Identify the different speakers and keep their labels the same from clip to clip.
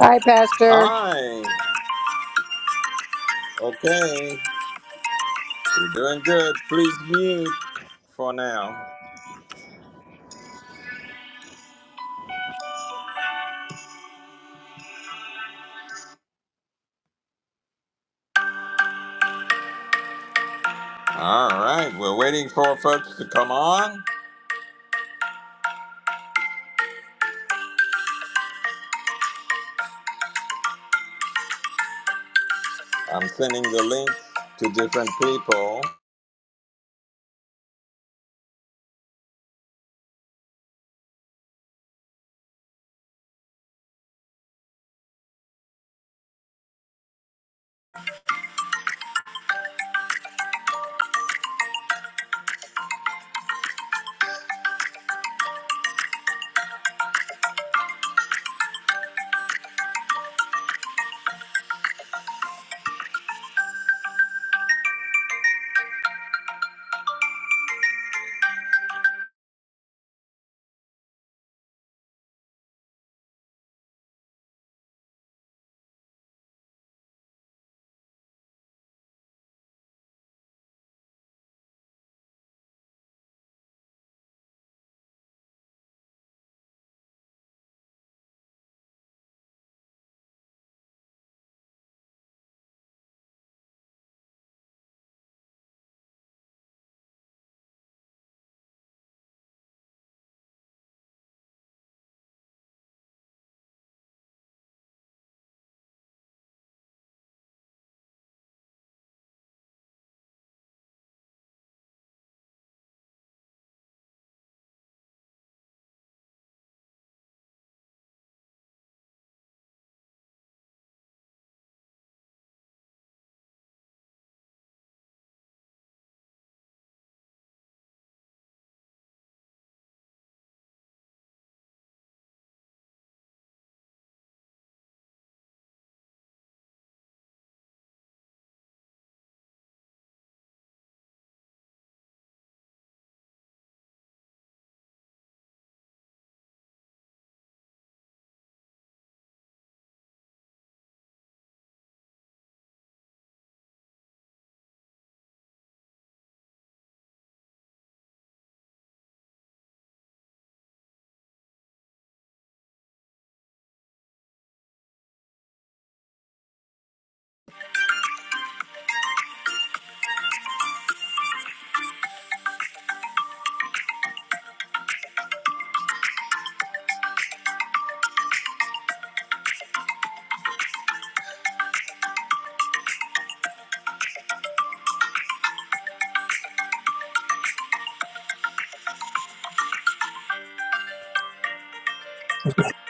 Speaker 1: Hi, Pastor.
Speaker 2: Hi. Okay. You're doing good. Please mute for now. All right. We're waiting for folks to come on. I'm sending the link to different people.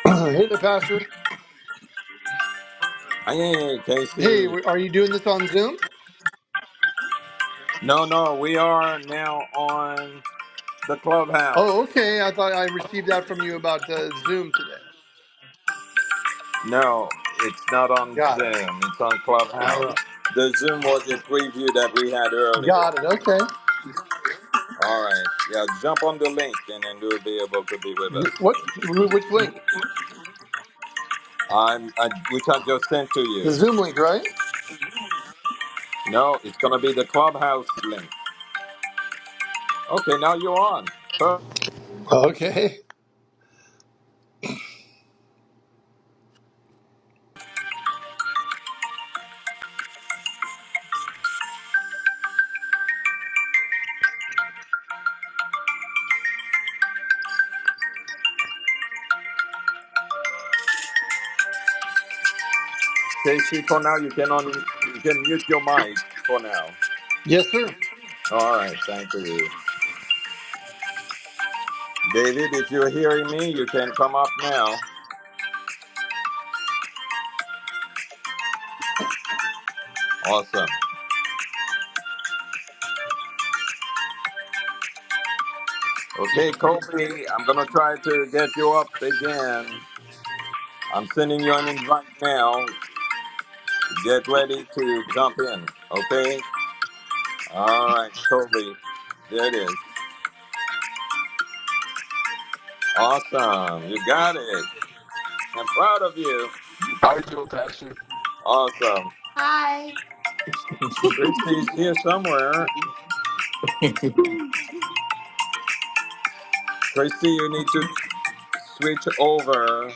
Speaker 3: hey there, Pastor.
Speaker 2: Hey,
Speaker 3: Hey,
Speaker 2: Casey.
Speaker 3: w- are you doing this on Zoom?
Speaker 2: No, no. We are now on the Clubhouse.
Speaker 3: Oh, okay. I thought I received that from you about uh, Zoom today.
Speaker 2: No, it's not on
Speaker 3: Got it.
Speaker 2: Zoom. It's on
Speaker 3: All
Speaker 2: Clubhouse.
Speaker 3: right.
Speaker 2: The Zoom was a preview that we had earlier.
Speaker 3: Got it. Okay.
Speaker 2: All right. Yeah, jump on the link and then you'll be able to be with us.
Speaker 3: You- What? wh- Which link?
Speaker 2: I'm, I, which I just sent to
Speaker 3: The
Speaker 2: you.
Speaker 3: Zoom link, right?
Speaker 2: No, it's gonna be the clubhouse link. Okay, now you're on. Per-
Speaker 3: Okay.
Speaker 2: Casey, for now you can on, you can mute your mic for now.
Speaker 3: Yes, sir.
Speaker 2: All right, thank you, David. If you're hearing me, you can come up now. Awesome. Okay, Kobe, I'm gonna try to get you up again. I'm sending you an invite now. Get ready to jump in. Okay. All right, Kobe. There it is. Awesome. You got it. I'm proud of you.
Speaker 4: Hi, you Pastor?
Speaker 2: Awesome.
Speaker 4: Hi.
Speaker 2: Christy's here somewhere. Christy, you need to switch over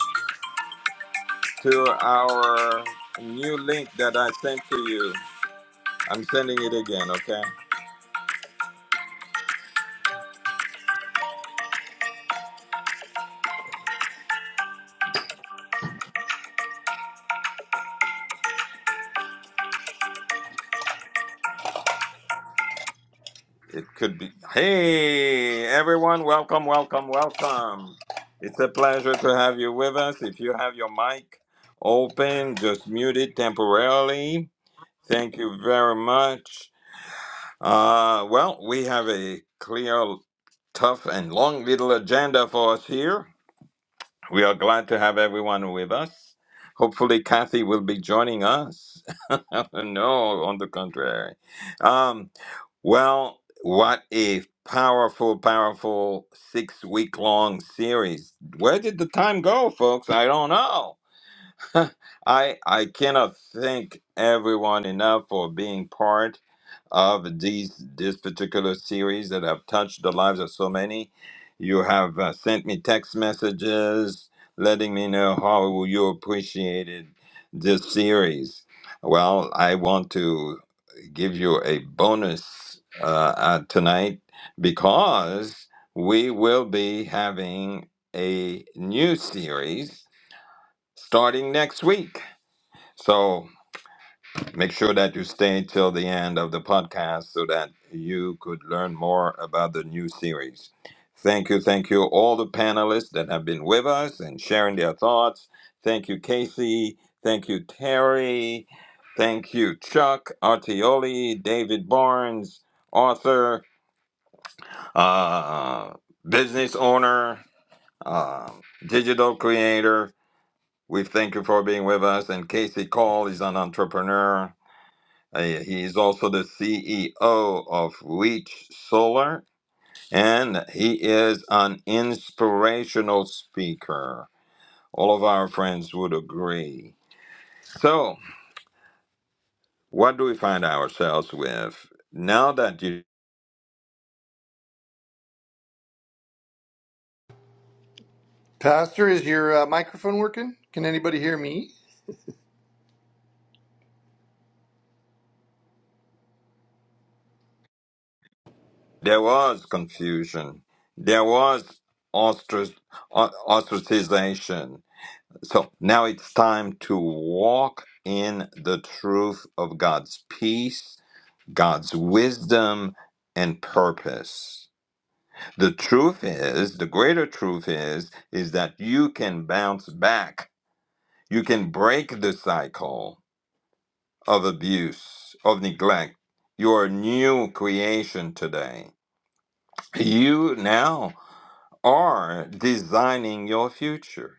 Speaker 2: to our new link that I sent to you. I'm sending it again, okay? It could be. Hey, everyone, welcome, welcome, welcome. It's a pleasure to have you with us. If you have your mic open, just mute it temporarily. Thank you very much. Uh, well, we have a clear tough and long little agenda for us here. We are glad to have everyone with us. Hopefully, Kathy will be joining us. no, on the contrary. Um, well, what a powerful, powerful six week long series. Where did the time go, folks? I don't know. I I cannot thank everyone enough for being part of these this particular series that have touched the lives of so many. You have uh, sent me text messages letting me know how you appreciated this series. Well, I want to give you a bonus uh, uh, tonight because we will be having a new series starting next week. So Make sure that you stay till the end of the podcast so that you could learn more about the new series. Thank you, thank you, all the panelists that have been with us and sharing their thoughts. Thank you, Casey. Thank you, Terry. Thank you, Chuck Artioli, David Barnes, author, uh, business owner, uh, digital creator. We thank you for being with us. And Casey Call is an entrepreneur uh, yeah, He's also the CEO of Reach Solar, and he is an inspirational speaker. All of our friends would agree. So, what do we find ourselves with? Now that you,
Speaker 3: Pastor, is your uh, microphone working? Can anybody hear me?
Speaker 2: there was confusion, there was ostrac, o- ostracization. So, now it's time to walk in the truth of God's peace God's wisdom and purpose. The truth is, the greater truth is, is that you can bounce back. You can break the cycle of abuse, of neglect. You are a new creation today. You now are designing your future.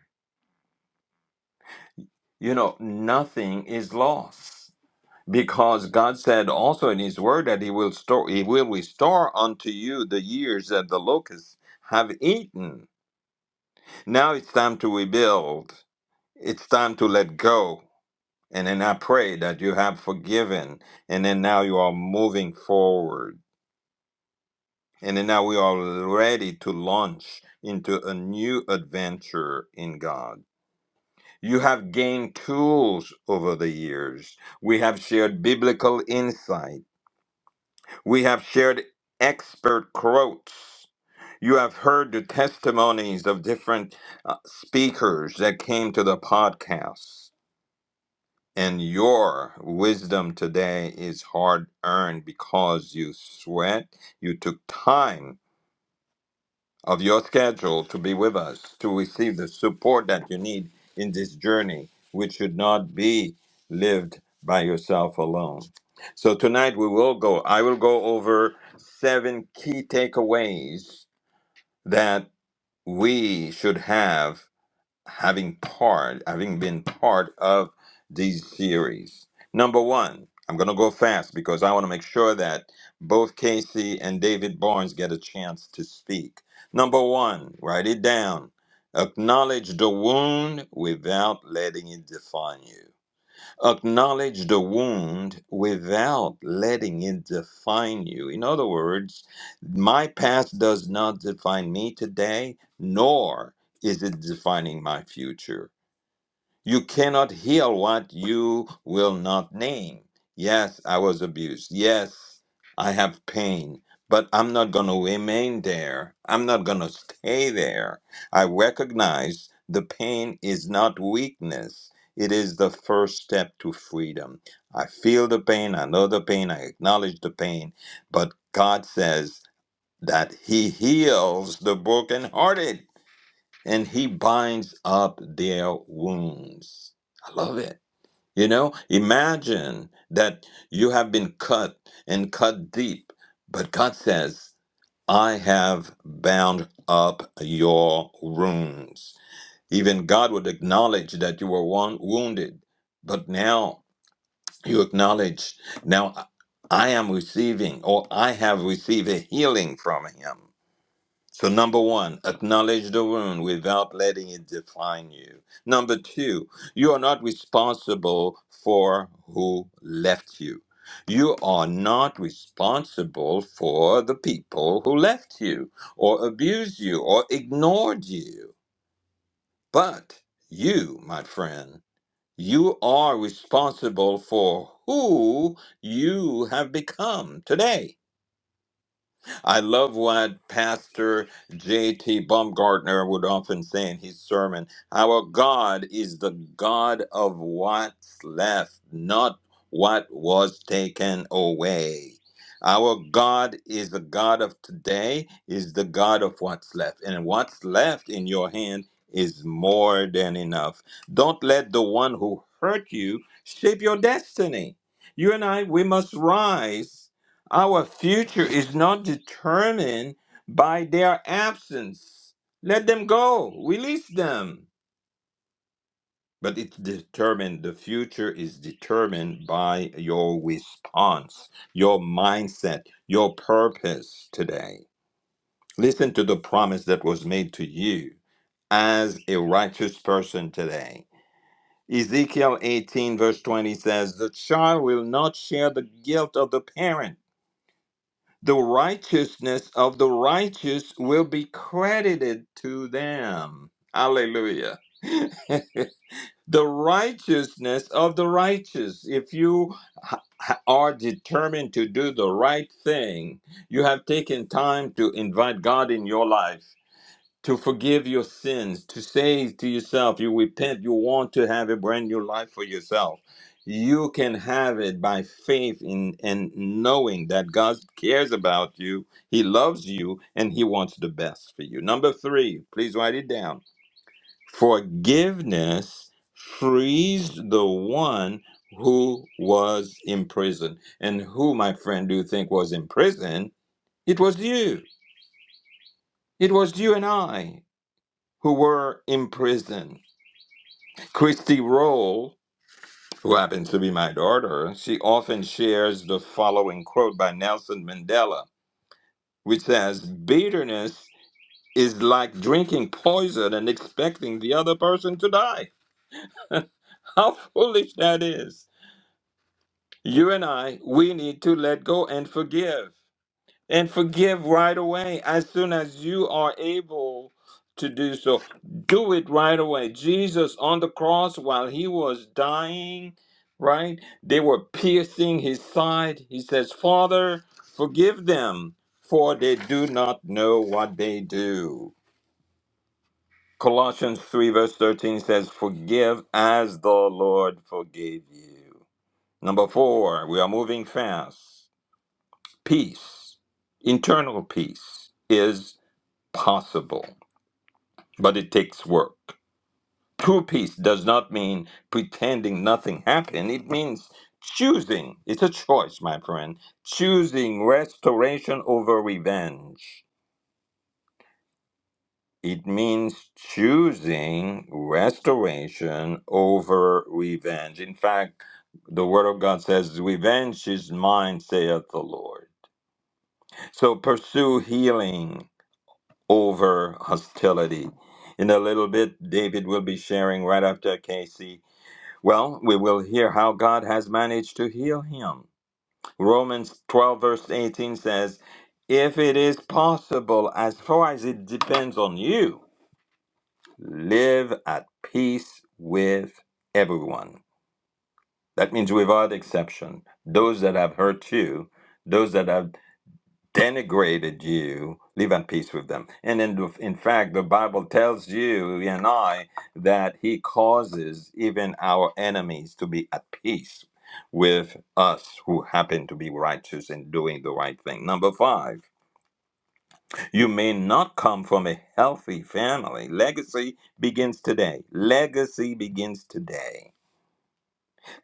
Speaker 2: You know, nothing is lost. because God said also in His Word that He will store, He will restore unto you the years that the locusts have eaten. Now it's time to rebuild. It's time to let go. And then I pray that you have forgiven, and then now you are moving forward, and then now we are ready to launch into a new adventure in God. You have gained tools over the years. We have shared biblical insight We have shared expert quotes. You have heard the testimonies of different uh, speakers that came to the podcast. And your wisdom today is hard earned because you sweat, you took time of your schedule to be with us, to receive the support that you need in this journey, which should not be lived by yourself alone. So tonight we will go, I will go over seven key takeaways that we should have having part, having been part of these series. Number one, I'm going to go fast because I want to make sure that both Casey and David Barnes get a chance to speak. Number one, write it down. Acknowledge the wound without letting it define you. Acknowledge the wound without letting it define you. In other words, my past does not define me today, nor is it defining my future. You cannot heal what you will not name. Yes, I was abused. Yes, I have pain, but I'm not going to remain there. I'm not going to stay there. I recognize the pain is not weakness, it is the first step to freedom. I feel the pain, I know the pain, I acknowledge the pain, but God says that He heals the brokenhearted and he binds up their wounds. I love it. You know, imagine that you have been cut and cut deep, but God says, I have bound up your wounds. Even God would acknowledge that you were wound- wounded, but now you acknowledge, now I am receiving or I have received a healing from Him. So, number one, acknowledge the wound without letting it define you. Number two, you are not responsible for who left you. You are not responsible for the people who left you, or abused you, or ignored you. But you, my friend, you are responsible for who you have become today. I love what Pastor J.T. Baumgartner would often say in his sermon. Our God is the God of what's left, not what was taken away. Our God is the God of today, is the God of what's left. And what's left in your hand is more than enough. Don't let the one who hurt you shape your destiny. You and I, we must rise our future is not determined by their absence. Let them go, release them. But it's determined, the future is determined by your response, your mindset, your purpose today. Listen to the promise that was made to you as a righteous person today. Ezekiel 18, verse 20 says, The child will not share the guilt of the parent the righteousness of the righteous will be credited to them. Hallelujah. the righteousness of the righteous. If you h- h- are determined to do the right thing, you have taken time to invite God in your life to forgive your sins, to say to yourself, you repent, you want to have a brand new life for yourself. You can have it by faith in and knowing that God cares about you, He loves you, and He wants the best for you. Number three, please write it down. Forgiveness frees the one who was in prison. And who, my friend, do you think was in prison? It was you. It was you and I who were in prison. Christy Roll, who happens to be my daughter, she often shares the following quote by Nelson Mandela, which says, Bitterness is like drinking poison and expecting the other person to die. How foolish that is. You and I, we need to let go and forgive. and forgive right away as soon as you are able to do so. Do it right away. Jesus on the cross while he was dying, right? They were piercing his side. He says, Father, forgive them, for they do not know what they do. Colossians 3, verse 13 says, Forgive as the Lord forgave you. Number four, we are moving fast. Peace, internal peace, is possible, but it takes work. True peace does not mean pretending nothing happened. It means choosing. It's a choice, my friend. Choosing restoration over revenge. It means choosing restoration over revenge. In fact, the Word of God says, Revenge is mine, saith the Lord. So pursue healing over hostility. In a little bit, David will be sharing right after Casey. Well, we will hear how God has managed to heal him. Romans 12, verse 18 says, If it is possible, as far as it depends on you, live at peace with everyone. That means without exception, those that have hurt you, those that have denigrated you, live at peace with them. And in, in fact, the Bible tells you and I that He causes even our enemies to be at peace with us who happen to be righteous and doing the right thing. Number five, you may not come from a healthy family. Legacy begins today. Legacy begins today.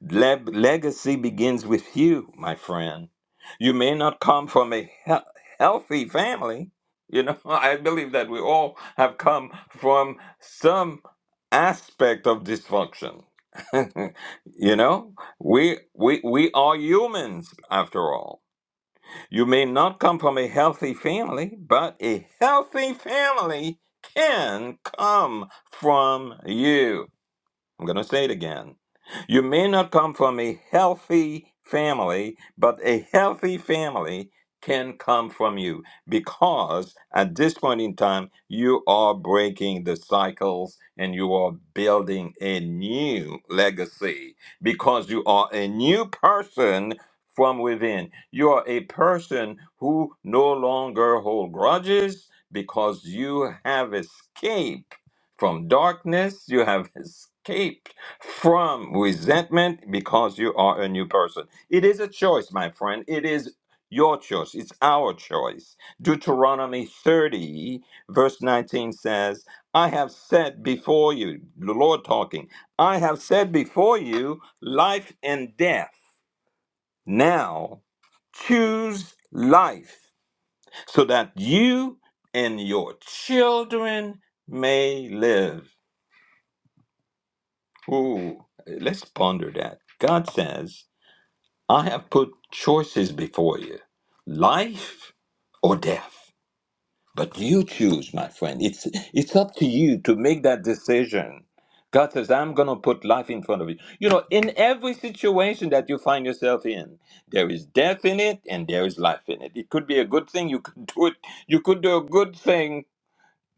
Speaker 2: Le- legacy begins with you, my friend. You may not come from a he- healthy family. You know, I believe that we all have come from some aspect of dysfunction. you know, we we we are humans after all. You may not come from a healthy family, but a healthy family can come from you. I'm going to say it again. You may not come from a healthy family, but a healthy family can come from you because at this point in time, you are breaking the cycles and you are building a new legacy because you are a new person from within. You are a person who no longer hold grudges because you have escaped from darkness. You have escaped from resentment because you are a new person. It is a choice, my friend. It is your choice. It's our choice. Deuteronomy 30, verse 19 says, I have said before you, the Lord talking, I have said before you life and death. Now choose life so that you and your children may live. Ooh, let's ponder that. God says, I have put choices before you life or death. But you choose, my friend. It's, it's up to you to make that decision. God says, I'm going to put life in front of you. You know, in every situation that you find yourself in, there is death in it and there is life in it. It could be a good thing. You could do it. You could do a good thing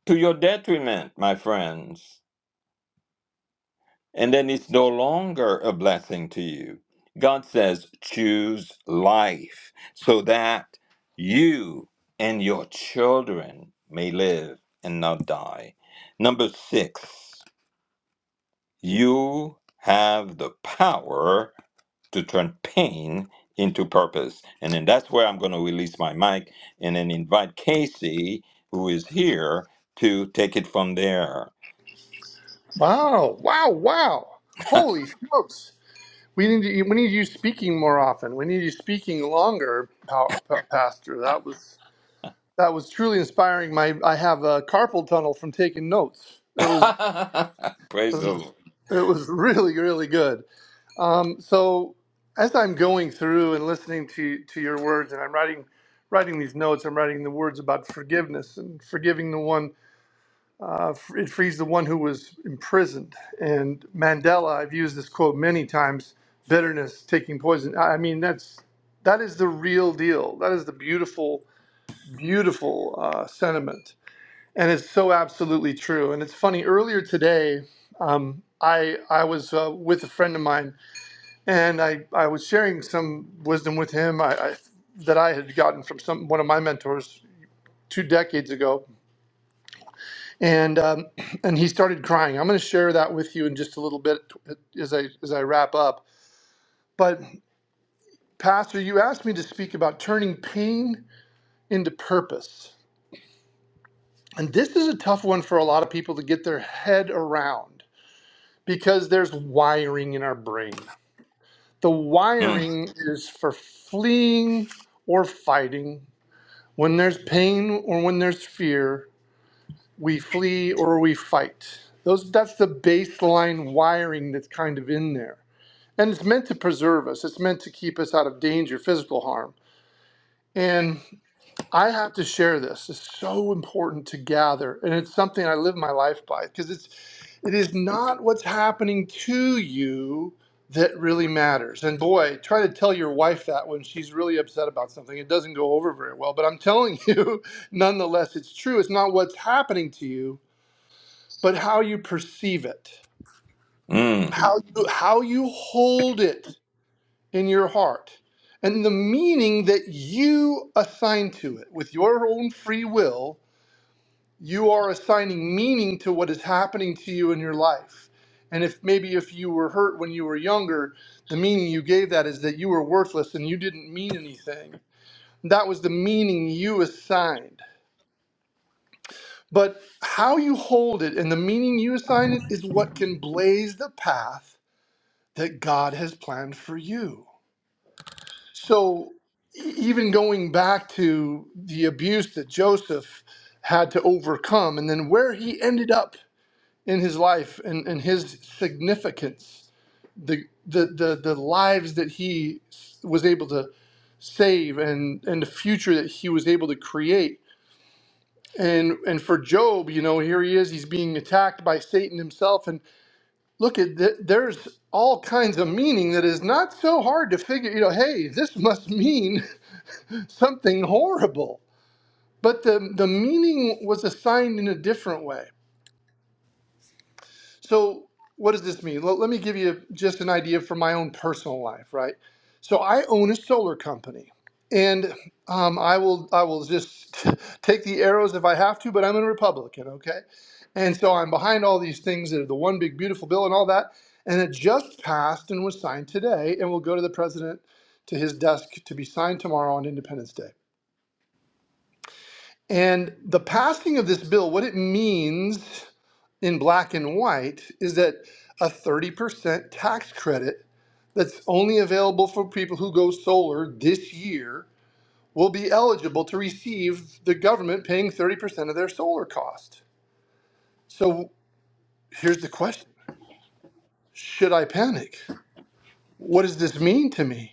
Speaker 2: to your detriment, my friends. and then it's no longer a blessing to you. God says, choose life so that you and your children may live and not die. Number six, you have the power to turn pain into purpose. And then that's where I'm going to release my mic and then invite Casey, who is here, to take it from there.
Speaker 3: Wow! Wow! Wow! Holy smokes! We need to, we need you speaking more often. We need you speaking longer, Pa- Pa- Pastor. That was That was truly inspiring. My I have a carpal tunnel from taking notes. It was
Speaker 2: Praise the
Speaker 3: it
Speaker 2: Lord.
Speaker 3: was really really good. Um, so as I'm going through and listening to to your words, and I'm writing writing these notes, I'm writing the words about forgiveness and forgiving the one. Uh, f- it frees the one who was imprisoned. And Mandela, I've used this quote many times. Bitterness taking poison. I I mean that's that is the real deal. That is the beautiful, beautiful uh, sentiment And it's so absolutely true. And it's funny. Earlier today, um, I I was uh, with a friend of mine, and I I was sharing some wisdom with him I, I, that I had gotten from some one of my mentors two decades ago, and um, and he started crying. I'm going to share that with you in just a little bit as I as I wrap up. But Pastor, you asked me to speak about turning pain into purpose, and this is a tough one for a lot of people to get their head around because there's wiring in our brain. The
Speaker 2: Mm.
Speaker 3: wiring is for fleeing or fighting. When there's pain or when there's fear, we flee or we fight. Those that's the baseline wiring that's kind of in there. And it's meant to preserve us. It's meant to keep us out of danger, physical harm. And I have to share this. It's so important to gather, and it's something I live my life by because it's it is not what's happening to you that really matters. And boy, try to tell your wife that when she's really upset about something. It doesn't go over very well, but I'm telling you, nonetheless, it's true. It's not what's happening to you, but how you perceive it.
Speaker 2: Mm.
Speaker 3: How you how you hold it in your heart. And the meaning that you assign to it with your own free will you are assigning meaning to what is happening to you in your life. And if maybe if you were hurt when you were younger, the meaning you gave that is that you were worthless and you didn't mean anything. That was the meaning you assigned. But how you hold it and the meaning you assign it is what can blaze the path that God has planned for you. So e- even going back to the abuse that Joseph had to overcome and then where he ended up in his life and, and his significance, the, the, the, the lives that he was able to save and, and the future that he was able to create. And, and for Job, you know, here he is, he's being attacked by Satan himself. And look at th- there's all kinds of meaning that is not so hard to figure, you know, hey, this must mean something horrible. But the, the meaning was assigned in a different way So, what does this mean? Let, me give you just an idea from my own personal life, right? So, I own a solar company, and um, I will I will just take the arrows if I have to, but I'm a Republican, okay? And so I'm behind all these things that are the one big beautiful bill and all that, and it just passed and was signed today, and will go to the president to his desk to be signed tomorrow on Independence Day. And the passing of this bill, what it means in black and white is that a 30% tax credit that's only available for people who go solar this year will be eligible to receive the government paying 30% of their solar cost. So here's the question Should I panic? What does this mean to me?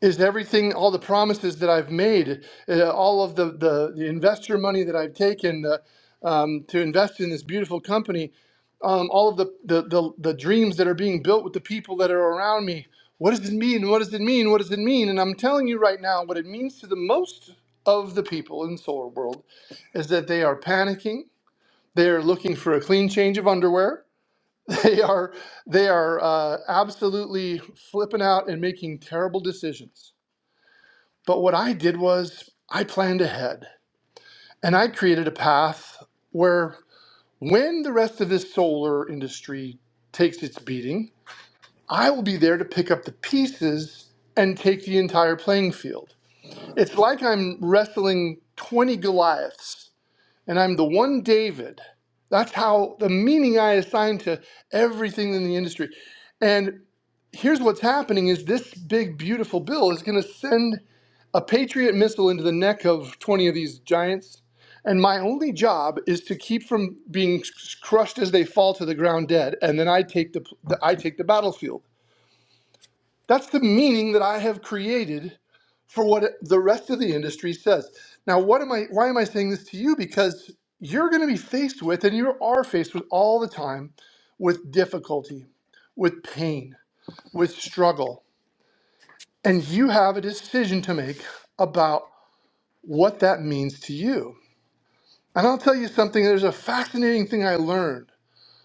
Speaker 3: is everything all the promises that I've made, uh, all of the, the the investor money that I've taken uh, um, to invest in this beautiful company, um, all of the, the the the dreams that are being built with the people that are around me. What does it mean? What does it mean? What does it mean? And I'm telling you right now, what it means to the most of the people in solar world is that they are panicking. They are looking for a clean change of underwear. They are they are uh, absolutely flipping out and making terrible decisions but what I did was I planned ahead and I created a path where when the rest of this solar industry takes its beating, I will be there to pick up the pieces and take the entire playing field. It's like I'm wrestling 20 Goliaths and I'm the one David. That's how the meaning I assign to everything in the industry. And here's what's happening is this big beautiful bill is going to send a Patriot missile into the neck of 20 of these giants, and my only job is to keep from being crushed as they fall to the ground dead, and then I take the, the I take the battlefield. That's the meaning that I have created for what the rest of the industry says. Now, what am I? Why am I saying this to you? Because you're going to be faced with, and you are faced with all the time, with difficulty, with pain, with struggle, and you have a decision to make about what that means to you And I'll tell you something, there's a fascinating thing I learned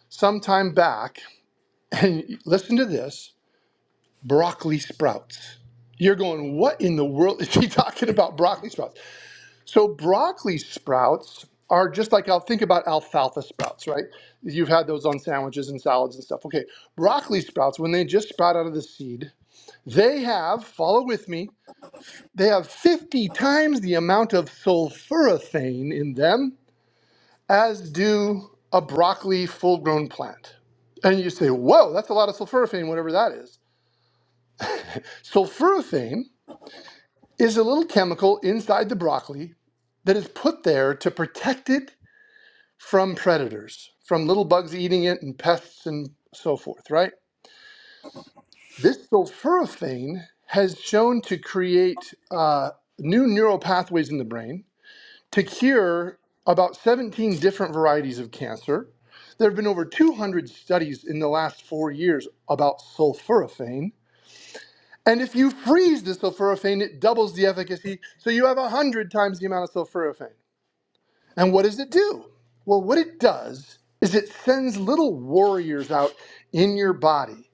Speaker 3: some time back. And listen to this broccoli sprouts. You're going, what in the world is he talking about broccoli sprouts? So, broccoli sprouts are just like I'll think about alfalfa sprouts, right? You've had those on sandwiches and salads and stuff. Okay, broccoli sprouts, when they just sprout out of the seed, they have, follow with me, they have 50 times the amount of sulforaphane in them as do a broccoli full grown plant. And you say, whoa, that's a lot of sulforaphane, whatever that is. Sulforaphane is a little chemical inside the broccoli that is put there to protect it from predators, from little bugs eating it and pests and so forth, right? This sulforaphane has shown to create uh, new neural pathways in the brain to cure about 17 different varieties of cancer. There have been over 200 studies in the last four years about sulforaphane. And if you freeze the sulforaphane, it doubles the efficacy, so you have 100 times the amount of sulforaphane. And what does it do? Well, what it does is it sends little warriors out in your body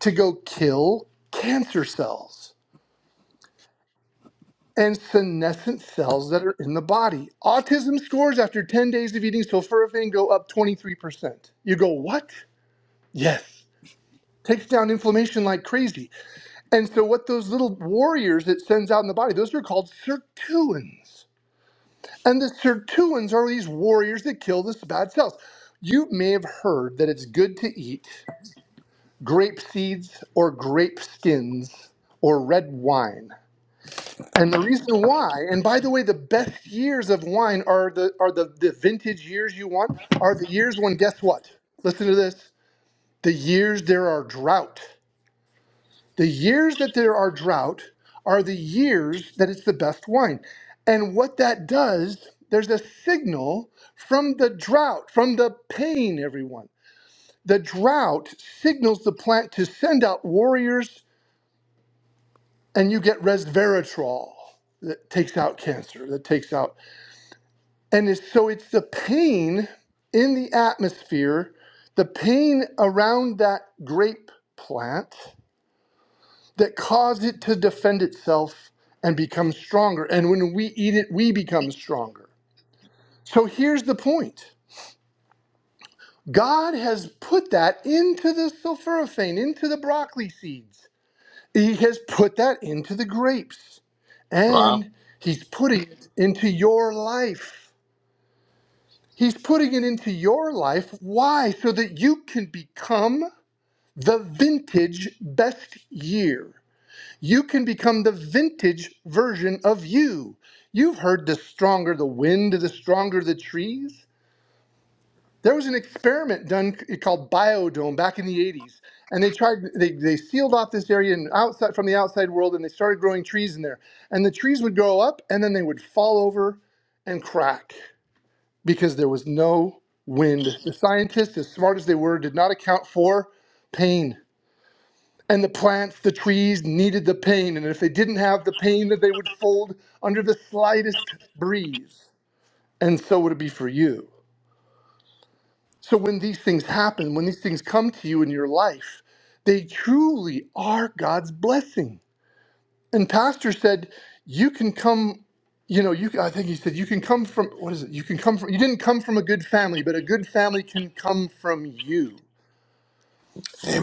Speaker 3: to go kill cancer cells. and senescent cells that are in the body. Autism scores after 10 days of eating sulforaphane go up 23%. You go, what? Yes. Takes down inflammation like crazy. And so, what those little warriors it sends out in the body, those are called sirtuins. And the sirtuins are these warriors that kill the bad cells. You may have heard that it's good to eat grape seeds or grape skins or red wine. And the reason why, and by the way, the best years of wine are the are the, the vintage years you want, are the years when guess what? Listen to this. The years there are drought. The years that there are drought are the years that it's the best wine. And what that does, there's a signal from the drought, from the pain, everyone. The drought signals the plant to send out warriors, and you get resveratrol that takes out cancer, that takes out And it's, so it's the pain in the atmosphere, the pain around that grape plant that caused it to defend itself and become stronger. And when we eat it, we become stronger. So here's the point God has put that into the sulforaphane, into the broccoli seeds. He has put that into the grapes.
Speaker 2: Wow.
Speaker 3: And He's putting it into your life. He's putting it into your life. Why? So that you can become the vintage best year. You can become the vintage version of you. You've heard the stronger the wind, the stronger the trees. There was an experiment done called Biodome back in the 80s, and they tried they, they sealed off this area and outside from the outside world and they started growing trees in there. And the trees would grow up and then they would fall over and crack because there was no wind. The scientists, as smart as they were, did not account for pain. And the plants, the trees needed the pain. And if they didn't have the pain, that they would fold under the slightest breeze. And so would it be for you. So when these things happen, when these things come to you in your life, they truly are God's blessing. and pastor said you can come you know you i think he said you can come from what is it you can come from you didn't come from a good family but a good family can come from you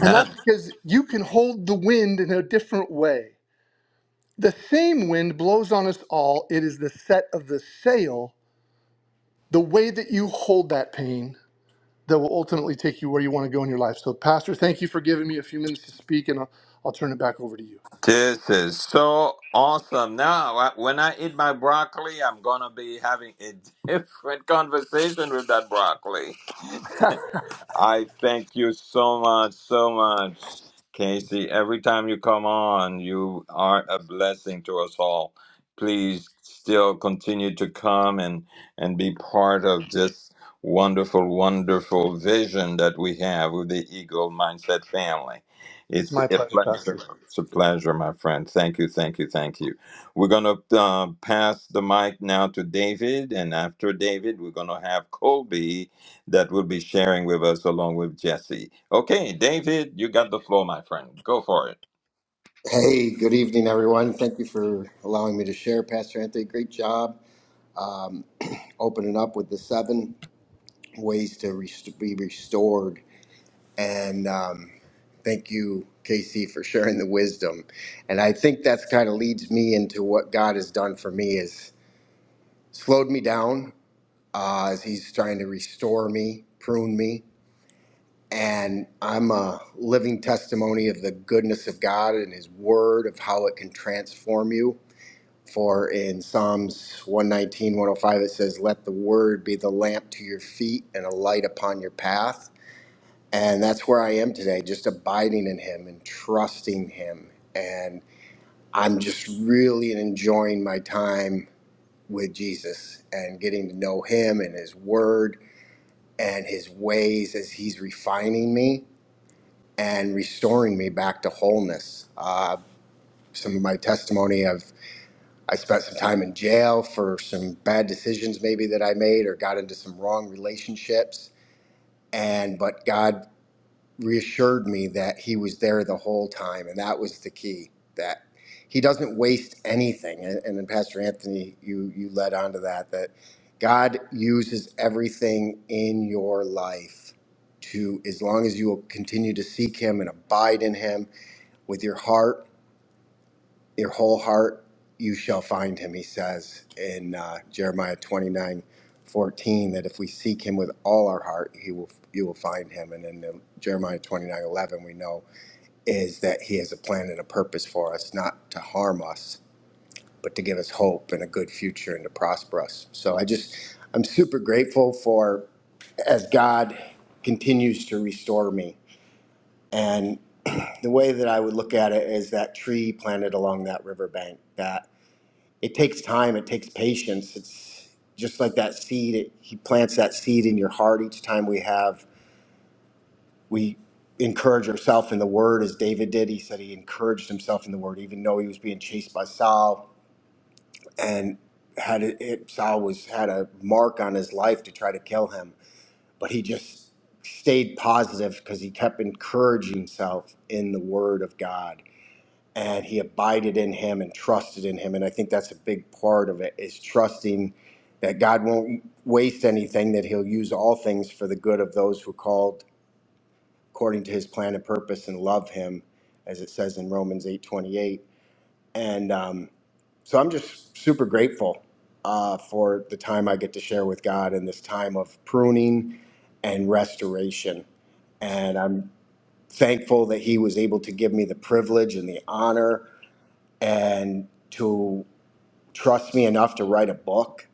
Speaker 3: and that's because you can hold the wind in a different way the same wind blows on us all it is the set of the sail the way that you hold that pain that will ultimately take you where you want to go in your life so pastor thank you for giving me a few minutes to speak and i'll, I'll turn it back over to you
Speaker 2: This is so awesome. Now, I- when I eat my broccoli, I'm going to be having a different conversation with that broccoli. I thank you so much, so much, Casey. Every time you come on, you are a blessing to us all. Please still continue to come and and be part of this wonderful, wonderful vision that we have with the Eagle Mindset family.
Speaker 3: it's
Speaker 2: It's
Speaker 3: my
Speaker 2: a
Speaker 3: pleasure pastor
Speaker 2: pleasure. It's a pleasure, my friend. Thank you, thank you, thank you. We're gonna uh, pass the mic now to David, and after David, we're gonna have Colby that will be sharing with us along with Jesse. Okay, David, you got the floor, my friend. Go for
Speaker 5: Hey, good evening, everyone. Thank you for allowing me to share, Pastor Anthony. Great job opening up with the seven ways to rest- be restored. And um, thank you, Casey, for sharing the wisdom. And I think that's kind of leads me into what God has done for me is slowed me down uh, as He's trying to restore me, prune me. And I'm a living testimony of the goodness of God and His Word, of how it can transform you For in Psalms 119, 105, it says, Let the word be the lamp to your feet and a light upon your path. And that's where I am today, just abiding in him and trusting him. And I'm just really enjoying my time with Jesus and getting to know him and his word and his ways as he's refining me and restoring me back to wholeness. Uh, some of my testimony. I've I spent some time in jail for some bad decisions maybe that I made or got into some wrong relationships and but God reassured me that he was there the whole time and that was the key that he doesn't waste anything and, and then Pastor Anthony you you led on to that that God uses everything in your life to as long as you will continue to seek him and abide in him with your heart your whole heart you shall find him he says in uh, jeremiah 29, 14, that if we seek him with all our heart he will you will find him and in the jeremiah 29 11, we know is that he has a plan and a purpose for us not to harm us but to give us hope and a good future and to prosper us so i just i'm super grateful for as god continues to restore me and the way that i would look at it is that tree planted along that riverbank that it takes time it takes patience it's just like that seed it, he plants that seed in your heart each time we have we encourage ourselves in the word as david did he said he encouraged himself in the word even though he was being chased by saul and had it, it saul was had a mark on his life to try to kill him but he just stayed positive because he kept encouraging himself in the word of god and he abided in him and trusted in him. And I think that's a big part of it is trusting that God won't waste anything, that he'll use all things for the good of those who are called according to his plan and purpose and love him, as it says in Romans 8 28. And um, so I'm just super grateful uh, for the time I get to share with God in this time of pruning and restoration. And I'm thankful that he was able to give me the privilege and the honor and to trust me enough to write a book.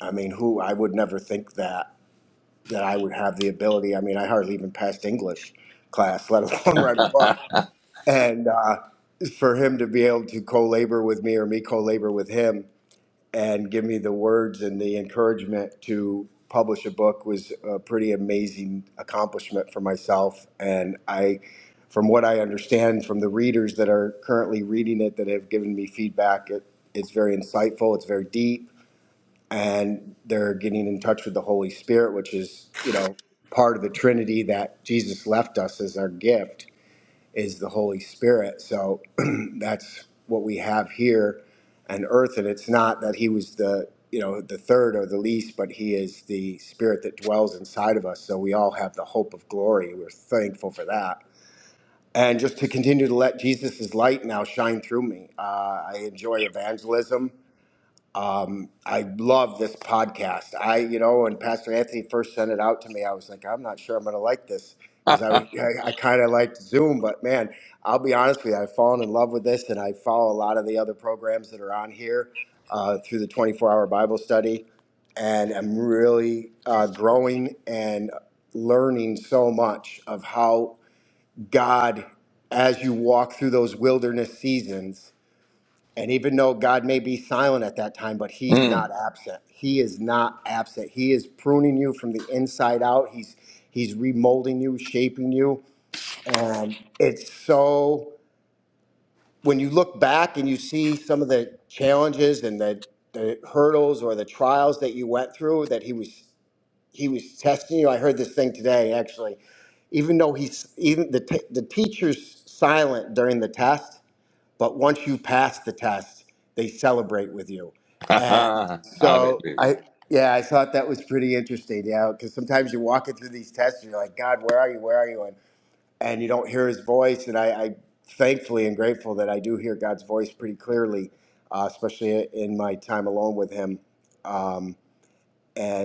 Speaker 5: I mean, who I would never think that that I would have the ability. I mean, I hardly even passed English class, let alone write a book.
Speaker 2: it.
Speaker 5: And uh, for him to be able to co-labor with me or me co-labor with him and give me the words and the encouragement to publish a book was a pretty amazing accomplishment for myself. And I, from what I understand from the readers that are currently reading it that have given me feedback, it, it's very insightful, it's very deep, and they're getting in touch with the Holy Spirit, which is, you know, part of the Trinity that Jesus left us as our gift is the Holy Spirit. So that's what we have here on earth. And it's not that he was the, you know, the third or the least, but he is the spirit that dwells inside of us. So we all have the hope of glory. We're thankful for that. And just to continue to let Jesus' light now shine through me. Uh, I enjoy evangelism. I love this podcast. I, you know, when Pastor Anthony first sent it out to me, I was like, I'm not sure I'm going to like this because I, I, I kind of liked Zoom, but man, I'll be honest with you, I've fallen in love with this and I follow a lot of the other programs that are on here uh, through the 24 hour Bible study. And I'm really uh, growing and learning so much of how God, as you walk through those wilderness seasons, and even though God may be silent at that time, but He's
Speaker 2: Mm.
Speaker 5: not absent. He is not absent. He is pruning you from the inside out. He's He's remolding you, shaping you. And it's so when you look back and you see some of the challenges and the, the hurdles or the trials that you went through, that He was He was testing you. I heard this thing today actually. Even though He's even the t- the teacher's silent during the test but once you pass the test, they celebrate with you. And so
Speaker 2: Hallelujah.
Speaker 5: I, yeah, I thought that was pretty interesting. Yeah, because sometimes you're walking through these tests, and you're like, God, where are you? Where are you? And and you don't hear His voice. And I, I thankfully and grateful that I do hear God's voice pretty clearly, uh, especially in my time alone with Him. Um,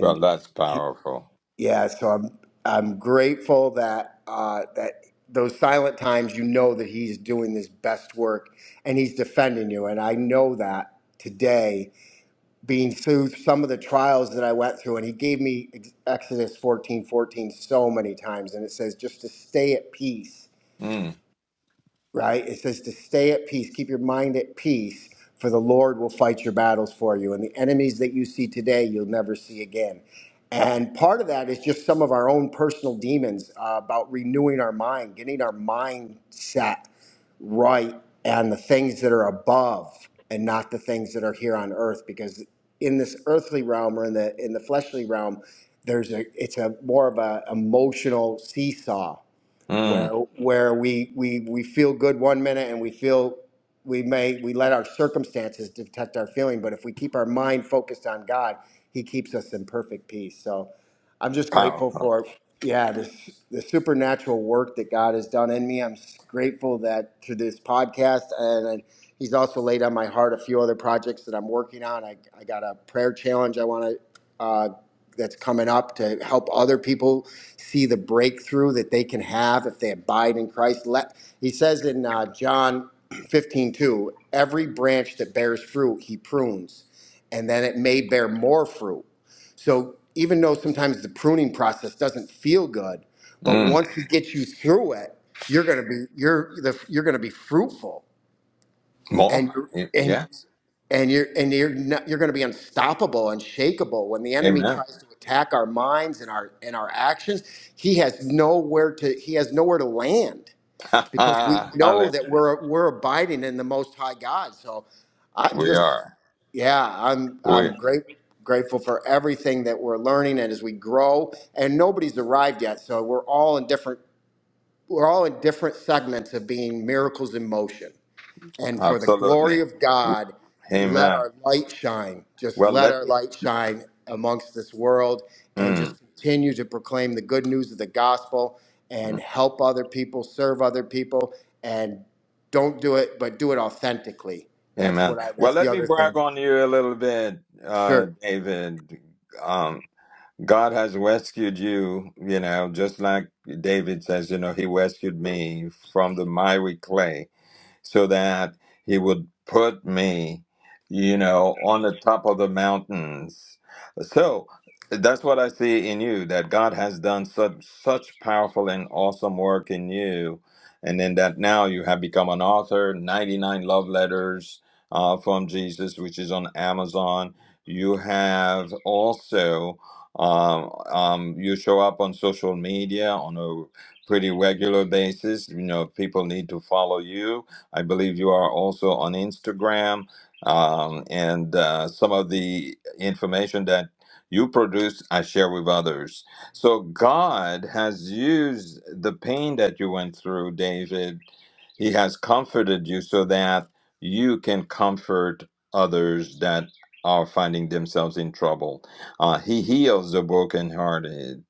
Speaker 2: Well, that's powerful.
Speaker 5: yeah, so I'm I'm grateful that uh, that those silent times, you know that he's doing his best work and he's defending you, and I know that today, being through some of the trials that I went through, and he gave me Ex- Exodus fourteen fourteen so many times, and it says just to stay at peace
Speaker 2: Mm.
Speaker 5: right? It says to stay at peace, keep your mind at peace, for the Lord will fight your battles for you. And the enemies that you see today, you'll never see again. And part of that is just some of our own personal demons uh, about renewing our mind, getting our mindset right and the things that are above and not the things that are here on earth. Because in this earthly realm or in the in the fleshly realm, there's a it's a more of a emotional seesaw where
Speaker 2: Mm.
Speaker 5: where we we we feel good one minute and we feel we may we let our circumstances detect our feeling but if we keep our mind focused on god he keeps us in perfect peace so I'm just grateful
Speaker 2: Powerful.
Speaker 5: for yeah this the supernatural work that God has done in me. I'm s- grateful that through this podcast and, and He's also laid on my heart a few other projects that I'm working on. I, I got a prayer challenge I want to uh, that's coming up to help other people see the breakthrough that they can have if they abide in Christ. Let He says in uh, John 15:2, every branch that bears fruit He prunes, and then it may bear more fruit so even though sometimes the pruning process doesn't feel good, but
Speaker 2: Mm.
Speaker 5: once it gets you through it, you're gonna be you're the, you're gonna be fruitful and
Speaker 2: More.
Speaker 5: you're
Speaker 2: Y-
Speaker 5: and
Speaker 2: Yes.
Speaker 5: and you're and you're not, you're gonna be unstoppable, unshakable. When the enemy
Speaker 2: Amen.
Speaker 5: tries to attack our minds and our and our actions, he has nowhere to he has nowhere to land because we know
Speaker 2: Hallelujah.
Speaker 5: that we're we're abiding in the Most High God. So. I'm
Speaker 2: We
Speaker 5: just.
Speaker 2: are.
Speaker 5: Yeah, I'm
Speaker 2: We
Speaker 5: I'm great grateful for everything that we're learning and as we grow. And nobody's arrived yet, so we're all in different we're all in different segments of being miracles in motion. And for the
Speaker 2: absolutely.
Speaker 5: glory of God, let
Speaker 2: Amen.
Speaker 5: our light shine. Just
Speaker 2: Well,
Speaker 5: let
Speaker 2: let
Speaker 5: our
Speaker 2: me.
Speaker 5: light shine amongst this world and
Speaker 2: Mm.
Speaker 5: just continue to proclaim the good news of the gospel
Speaker 2: mm,
Speaker 5: and help other people, serve other people and don't do it but do it authentically. That's
Speaker 2: Amen.
Speaker 5: what I
Speaker 2: Well,
Speaker 5: that's the
Speaker 2: let me
Speaker 5: other
Speaker 2: brag
Speaker 5: thing.
Speaker 2: on you a little bit, uh,
Speaker 5: Sure.
Speaker 2: David. Um, God has rescued you, you know, just like David says, you know, he rescued me from the miry clay so that he would put me, you know, on the top of the mountains. So that's what I see in you that God has done such such powerful and awesome work in you, and then that now you have become an author. Ninety nine love letters uh, from Jesus, which is on Amazon. You have also. Um, um, you show up on social media on a pretty regular basis. You know, people need to follow you I believe you are also on Instagram. Um, and uh, some of the information that you produce, I share with others. So God has used the pain that you went through, David. He has comforted you so that you can comfort others that are finding themselves in trouble. Uh, he heals the brokenhearted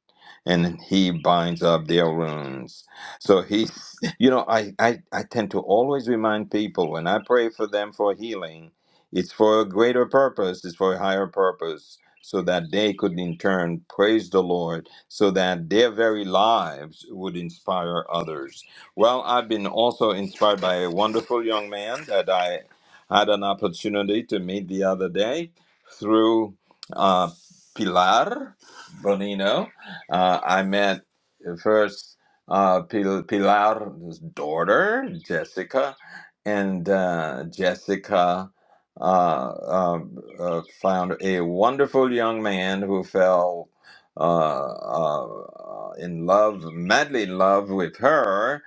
Speaker 2: and he binds up their wounds. So he you know, I, I, I tend to always remind people when I pray for them for healing, it's for a greater purpose, it's for a higher purpose, so that they could in turn praise the Lord, so that their very lives would inspire others. Well, I've been also inspired by a wonderful young man that I had an opportunity to meet the other day through uh, Pilar Bonino. Uh, I met uh, first uh, Pil- Pilar's daughter, Jessica, and uh, Jessica uh, uh, uh, found a wonderful young man who fell uh, uh, in love, madly in love with her.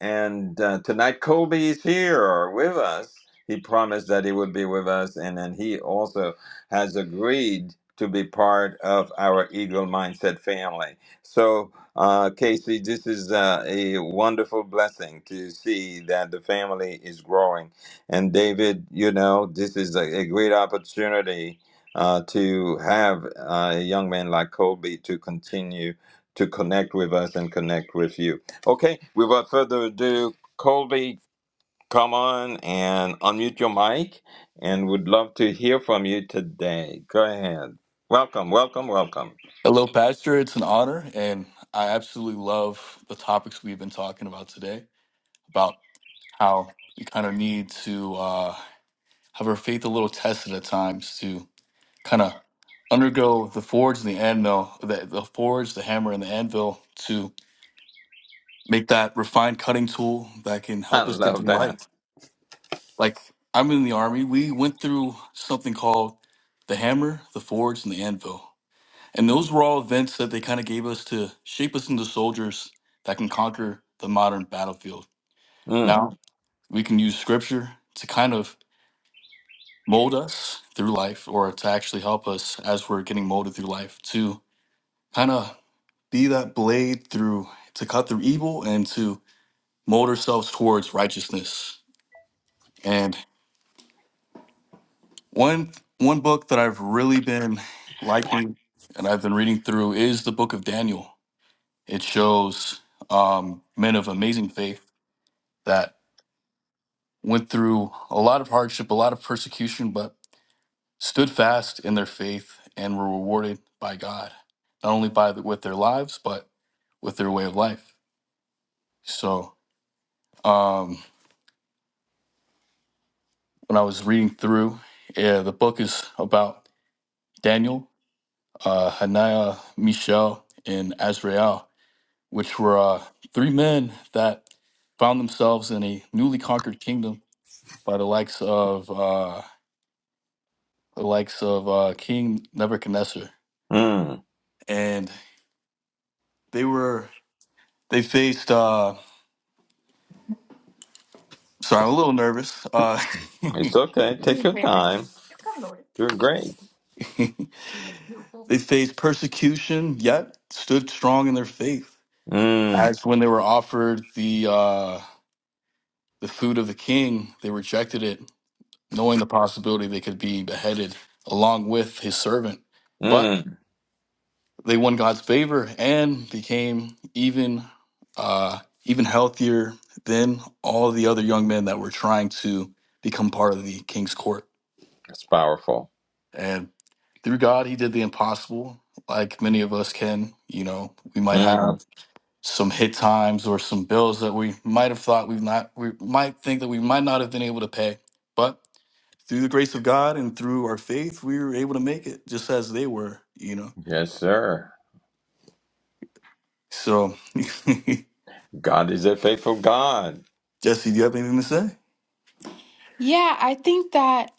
Speaker 2: And uh, tonight, Kobe is here with us. He promised that he would be with us, and then he also has agreed to be part of our Eagle Mindset family. So, uh, Casey, this is uh, a wonderful blessing to see that the family is growing. And David, you know, this is a, a great opportunity uh, to have uh, a young man like Colby to continue to connect with us and connect with you. Okay, without further ado, Colby, come on and unmute your mic and would love to hear from you today. Go ahead. Welcome, welcome, welcome.
Speaker 4: Hello, Pastor. It's an honor, and I absolutely love the topics we've been talking about today about how we kind of need to uh, have our faith a little tested at times to kind of undergo the forge and the anvil, the, the forge, the hammer, and the anvil to make that refined cutting tool that can
Speaker 2: I
Speaker 4: help us get
Speaker 2: love
Speaker 4: through
Speaker 2: that.
Speaker 4: life. Like, I'm in the Army, we went through something called the hammer, the forge, and the anvil. And those were all events that they kind of gave us to shape us into soldiers that can conquer the modern battlefield.
Speaker 2: Mm,
Speaker 4: Now we can use scripture to kind of mold us through life or to actually help us as we're getting molded through life to kind of be that blade through to cut through evil and to mold ourselves towards righteousness. And one one book that I've really been liking and I've been reading through is the book of Daniel. It shows um, men of amazing faith that went through a lot of hardship, a lot of persecution, but stood fast in their faith and were rewarded by God, not only by the, with their lives, but with their way of life. So um, when I was reading through, yeah, the book is about Daniel, uh, Hananiah, Mishael, and Azrael, which were uh, three men that found themselves in a newly conquered kingdom by the likes of uh, the likes of uh, King Nebuchadnezzar
Speaker 2: mm.
Speaker 4: and they were they faced. uh Sorry, I'm a little nervous. Uh,
Speaker 2: It's okay. Take your time. You're great.
Speaker 4: they faced persecution, yet stood strong in their faith.
Speaker 2: Mm,
Speaker 4: As when they were offered the uh, the food of the king, they rejected it, knowing the possibility they could be beheaded along with his servant. But.
Speaker 2: mm.
Speaker 4: They won God's favor and became even uh, even healthier than all the other young men that were trying to become part of the king's court.
Speaker 2: That's powerful.
Speaker 4: And through God, He did the impossible, like many of us can. You know, we might
Speaker 2: Mm.
Speaker 4: have some hit times or some bills that we might have thought we've not, we might think that we might not have been able to pay. But through the grace of God and through our faith, we were able to make it just as they were, you know.
Speaker 2: Yes, sir.
Speaker 4: So
Speaker 2: God is a faithful God.
Speaker 4: Jesse, do you have anything to say? Yeah, I think that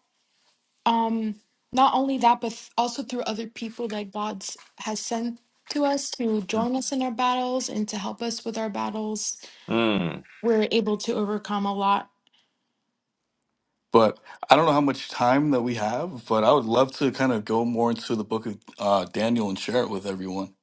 Speaker 4: um not only that, but th- also through other people that God's has sent to us to
Speaker 2: Mm.
Speaker 4: join us in our battles and to help us with our battles,
Speaker 2: mm.
Speaker 4: we're able to overcome a lot. But I don't know how much time that we have, but I would love to kind of go more into the book of uh, Daniel and share it with everyone.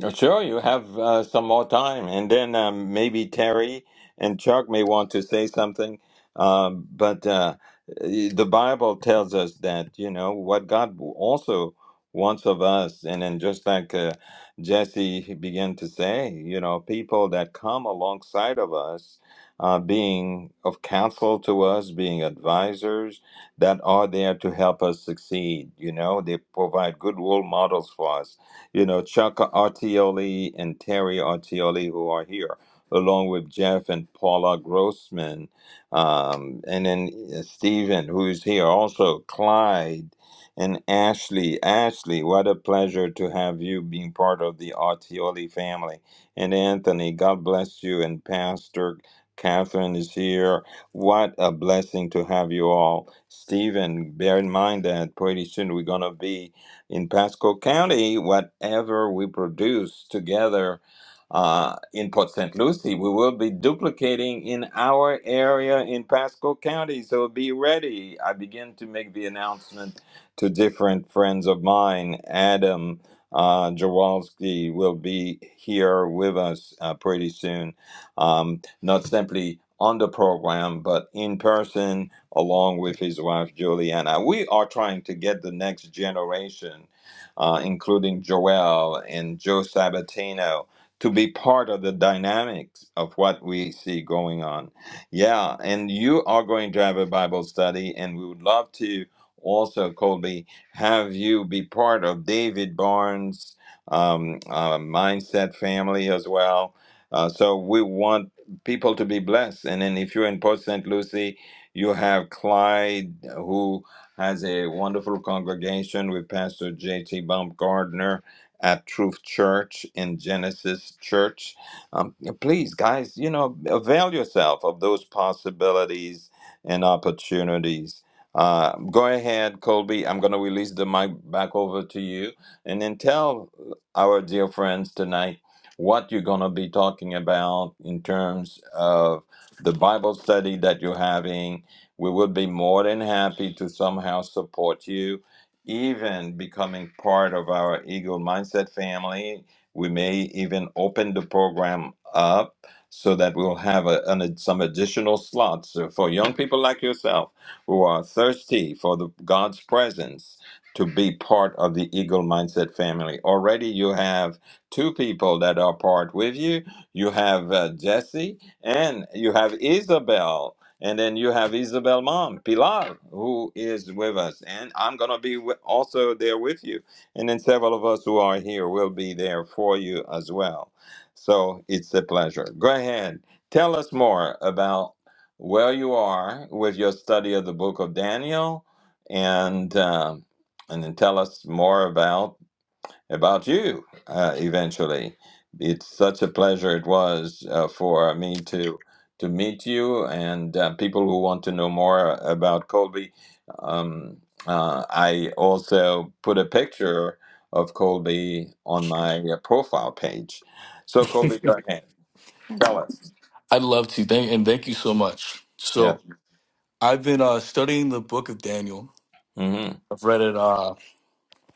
Speaker 2: Oh, Sure, you have uh, some more time, and then um, maybe Terry and Chuck may want to say something. Um, but uh, the Bible tells us that you know what God also wants of us, and then just like uh, Jesse began to say, you know, people that come alongside of us, uh, being of counsel to us, being advisors that are there to help us succeed. You know, they provide good role models for us you know, Chuck Artioli and Terry Artioli, who are here, along with Jeff and Paula Grossman, um, and then uh, Stephen, who's here, also Clyde and Ashley. Ashley, what a pleasure to have you being part of the Artioli family. And Anthony, God bless you, and Pastor. Catherine is here. What a blessing to have you all. Stephen, bear in mind that pretty soon we're going to be in Pasco County, whatever we produce together uh, in Port St. Lucie, we will be duplicating in our area in Pasco County. So be ready. I begin to make the announcement to different friends of mine. Adam uh, Jawalski will be here with us uh, pretty soon, um, not simply on the program, but in person along with his wife Juliana. We are trying to get the next generation, uh, including Joel and Joe Sabatino, to be part of the dynamics of what we see going on. Yeah, and you are going to have a Bible study, and we would love to also, Colby, have you be part of David Barnes' um, uh, mindset family as well. Uh, so we want people to be blessed. And then if you're in Port St. Lucie, you have Clyde, who has a wonderful congregation with Pastor J.T. Baumgardner at Truth Church in Genesis Church. Um, please, guys, you know, avail yourself of those possibilities and opportunities. Uh, go ahead, Colby. I'm going to release the mic back over to you and then tell our dear friends tonight what you're going to be talking about in terms of the Bible study that you're having we would be more than happy to somehow support you, even becoming part of our Eagle Mindset family. We may even open the program up so that we'll have a, an, some additional slots So for young people like yourself who are thirsty for the God's presence to be part of the Eagle Mindset family. Already you have two people that are part with you. You have uh, Jesse and you have Isabel and then you have Isabel Mom, Pilar, who is with us. And I'm going to be wi- also there with you. And then several of us who are here will be there for you as well. So it's a pleasure. Go ahead. Tell us more about where you are with your study of the book of Daniel and, um and then tell us more about about you uh, eventually. It's such a pleasure it was uh, for me to to meet you and uh, people who want to know more about Colby. Um, uh, I also put a picture of Colby on my uh, profile page. So Colby, go ahead, tell
Speaker 4: Handsome.
Speaker 2: us.
Speaker 4: I'd love to. Thank and thank you so much.
Speaker 2: Yeah.
Speaker 4: So I've been uh, studying the book of Daniel.
Speaker 2: hmm
Speaker 4: I've read it uh,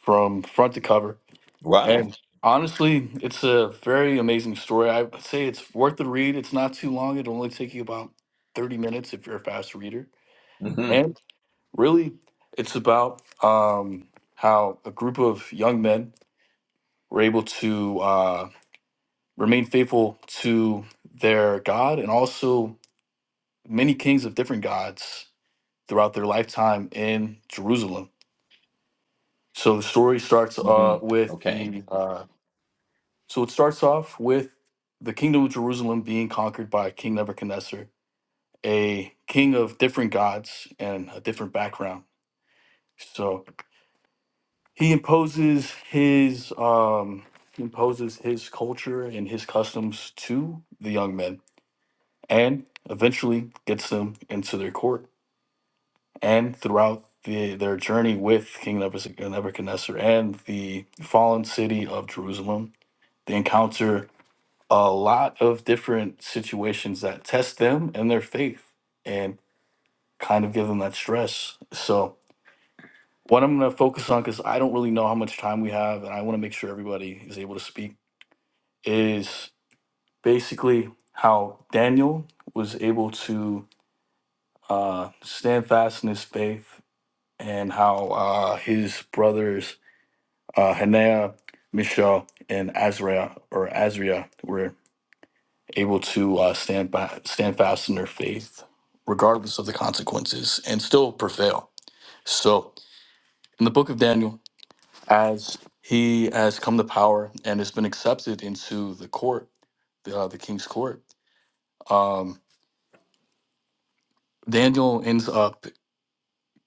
Speaker 4: from front to cover.
Speaker 2: Wow.
Speaker 4: And honestly, it's a very amazing story. I would say it's worth the read. It's not too long. It'll only take you about 30 minutes if you're a fast reader.
Speaker 2: hmm
Speaker 4: And really, it's about um, how a group of young men were able to uh, remain faithful to their God and also many kings of different gods throughout their lifetime in Jerusalem. So the story starts
Speaker 2: hmm
Speaker 4: uh, with
Speaker 2: Okay.
Speaker 4: the uh, So it starts off with the kingdom of Jerusalem being conquered by King Nebuchadnezzar, a king of different gods and a different background. So he imposes his um, he imposes his culture and his customs to the young men, and eventually gets them into their court. And throughout the, their journey with King Nebuchadnezzar and the fallen city of Jerusalem, they encounter a lot of different situations that test them and their faith and kind of give them that stress. So, what I'm going to focus on, because I don't really know how much time we have and I want to make sure everybody is able to speak, is basically how Daniel was able to uh, stand fast in his faith and how uh, his brothers, uh, Hanea, Mishael, and Azariah or Azria able to uh, stand by, stand fast in their faith, regardless of the consequences, and still prevail. So, in the book of Daniel, as he has come to power and has been accepted into the court, the, uh, the king's court, um, Daniel ends up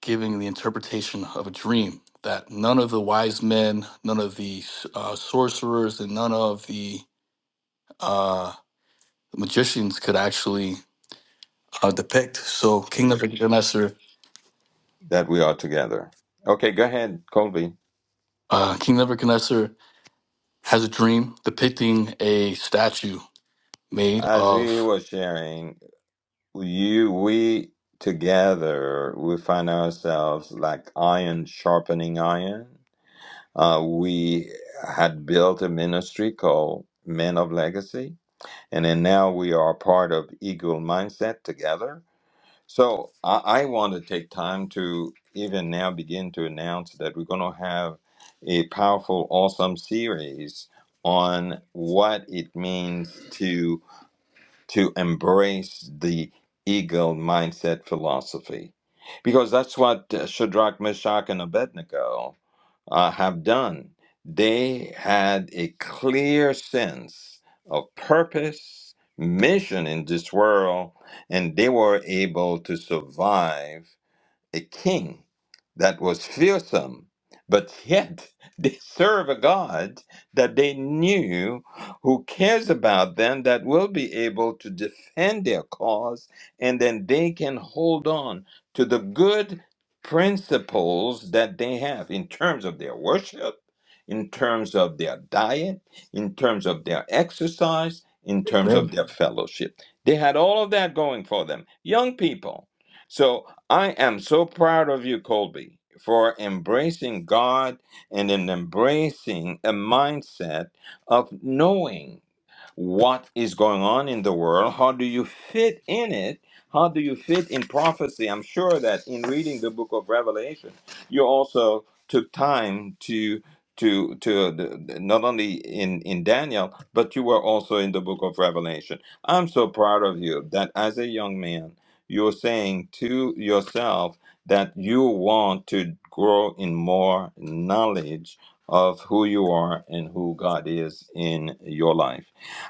Speaker 4: giving the interpretation of a dream that none of the wise men, none of the uh, sorcerers, and none of the uh, magicians could actually uh, depict. So, King Nebuchadnezzar
Speaker 2: That we are together. Okay, go ahead, Colby.
Speaker 4: Uh, King Nebuchadnezzar has a dream depicting a statue made
Speaker 2: As he
Speaker 4: of
Speaker 2: was sharing. you we together we find ourselves like iron sharpening iron uh, we had built a ministry called men of legacy and then now we are part of eagle mindset together so i, I want to take time to even now begin to announce that we're going to have a powerful awesome series on what it means to to embrace the eagle mindset philosophy because that's what uh, Shadrach, Meshach, and Abednego uh, have done. They had a clear sense of purpose, mission in this world, and they were able to survive a king that was fearsome, but yet they serve a God that they knew who cares about them, that will be able to defend their cause, and then they can hold on to the good principles that they have in terms of their worship, in terms of their diet, in terms of their exercise, in terms of their fellowship. They had all of that going for them, young people. So I am so proud of you, Colby, for embracing God and in embracing a mindset of knowing what is going on in the world? How do you fit in it? How do you fit in prophecy? I'm sure that in reading the book of Revelation, you also took time to to to the, not only in in Daniel, but you were also in the book of Revelation. I'm so proud of you that as a young man, you're saying to yourself that you want to grow in more knowledge of who you are and who God is in your life.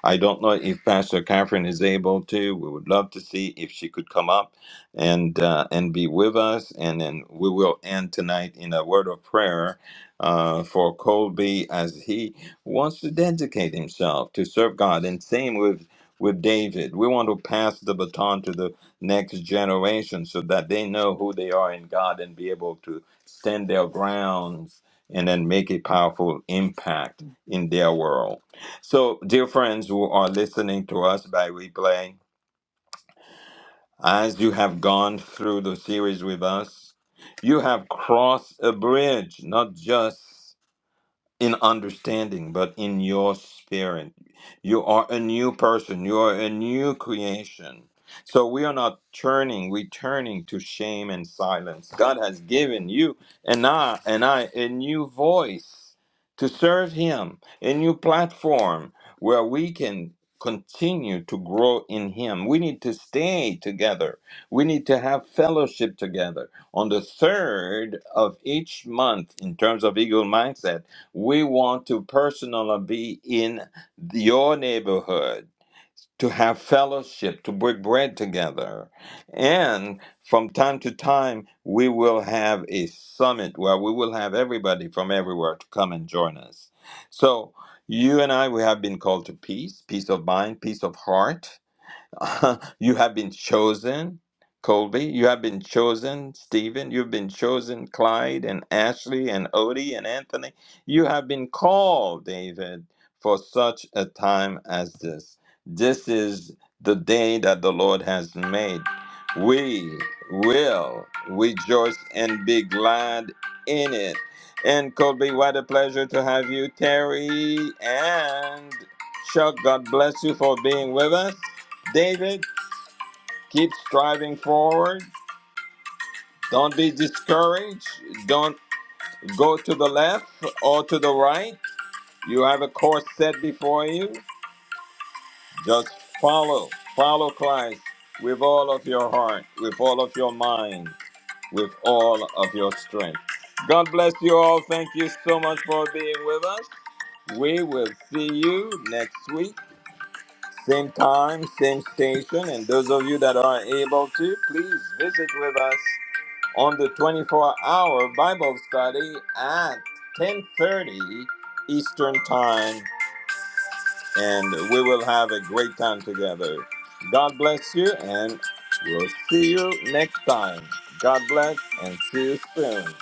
Speaker 2: I don't know if Pastor Catherine is able to. We would love to see if she could come up and uh, and be with us. And then we will end tonight in a word of prayer uh, for Colby as he wants to dedicate himself to serve God. And same with with David. We want to pass the baton to the next generation so that they know who they are in God and be able to stand their grounds and then make a powerful impact in their world. So, dear friends who are listening to us by replay, as you have gone through the series with us, you have crossed a bridge, not just in understanding, but in your spirit. You are a new person. You are a new creation. So we are not turning, returning to shame and silence. God has given you and I and I a new voice to serve Him, a new platform where we can continue to grow in Him. We need to stay together. We need to have fellowship together on the third of each month in terms of eagle mindset we want to personally be in your neighborhood, to have fellowship, to break bread together. And from time to time, we will have a summit where we will have everybody from everywhere to come and join us. So, you and I, we have been called to peace, peace of mind, peace of heart you have been chosen, Colby. You have been chosen, Stephen. You've been chosen, Clyde and Ashley and Odie and Anthony. You have been called, David, for such a time as this. This is the day that the Lord has made. We will rejoice and be glad in it. And Colby, what a pleasure to have you, Terry and Chuck. God bless you for being with us. David, keep striving forward. Don't be discouraged. Don't go to the left or to the right. You have a course set before you. Just follow. Follow Christ with all of your heart, with all of your mind, with all of your strength. God bless you all. Thank you so much for being with us. We will see you next week. Same time, same station. And those of you that are able to, please visit with us on the 24-hour Bible study at 10:30 Eastern Time, and we will have a great time together. God bless you, and we'll see you next time. God bless, and see you soon.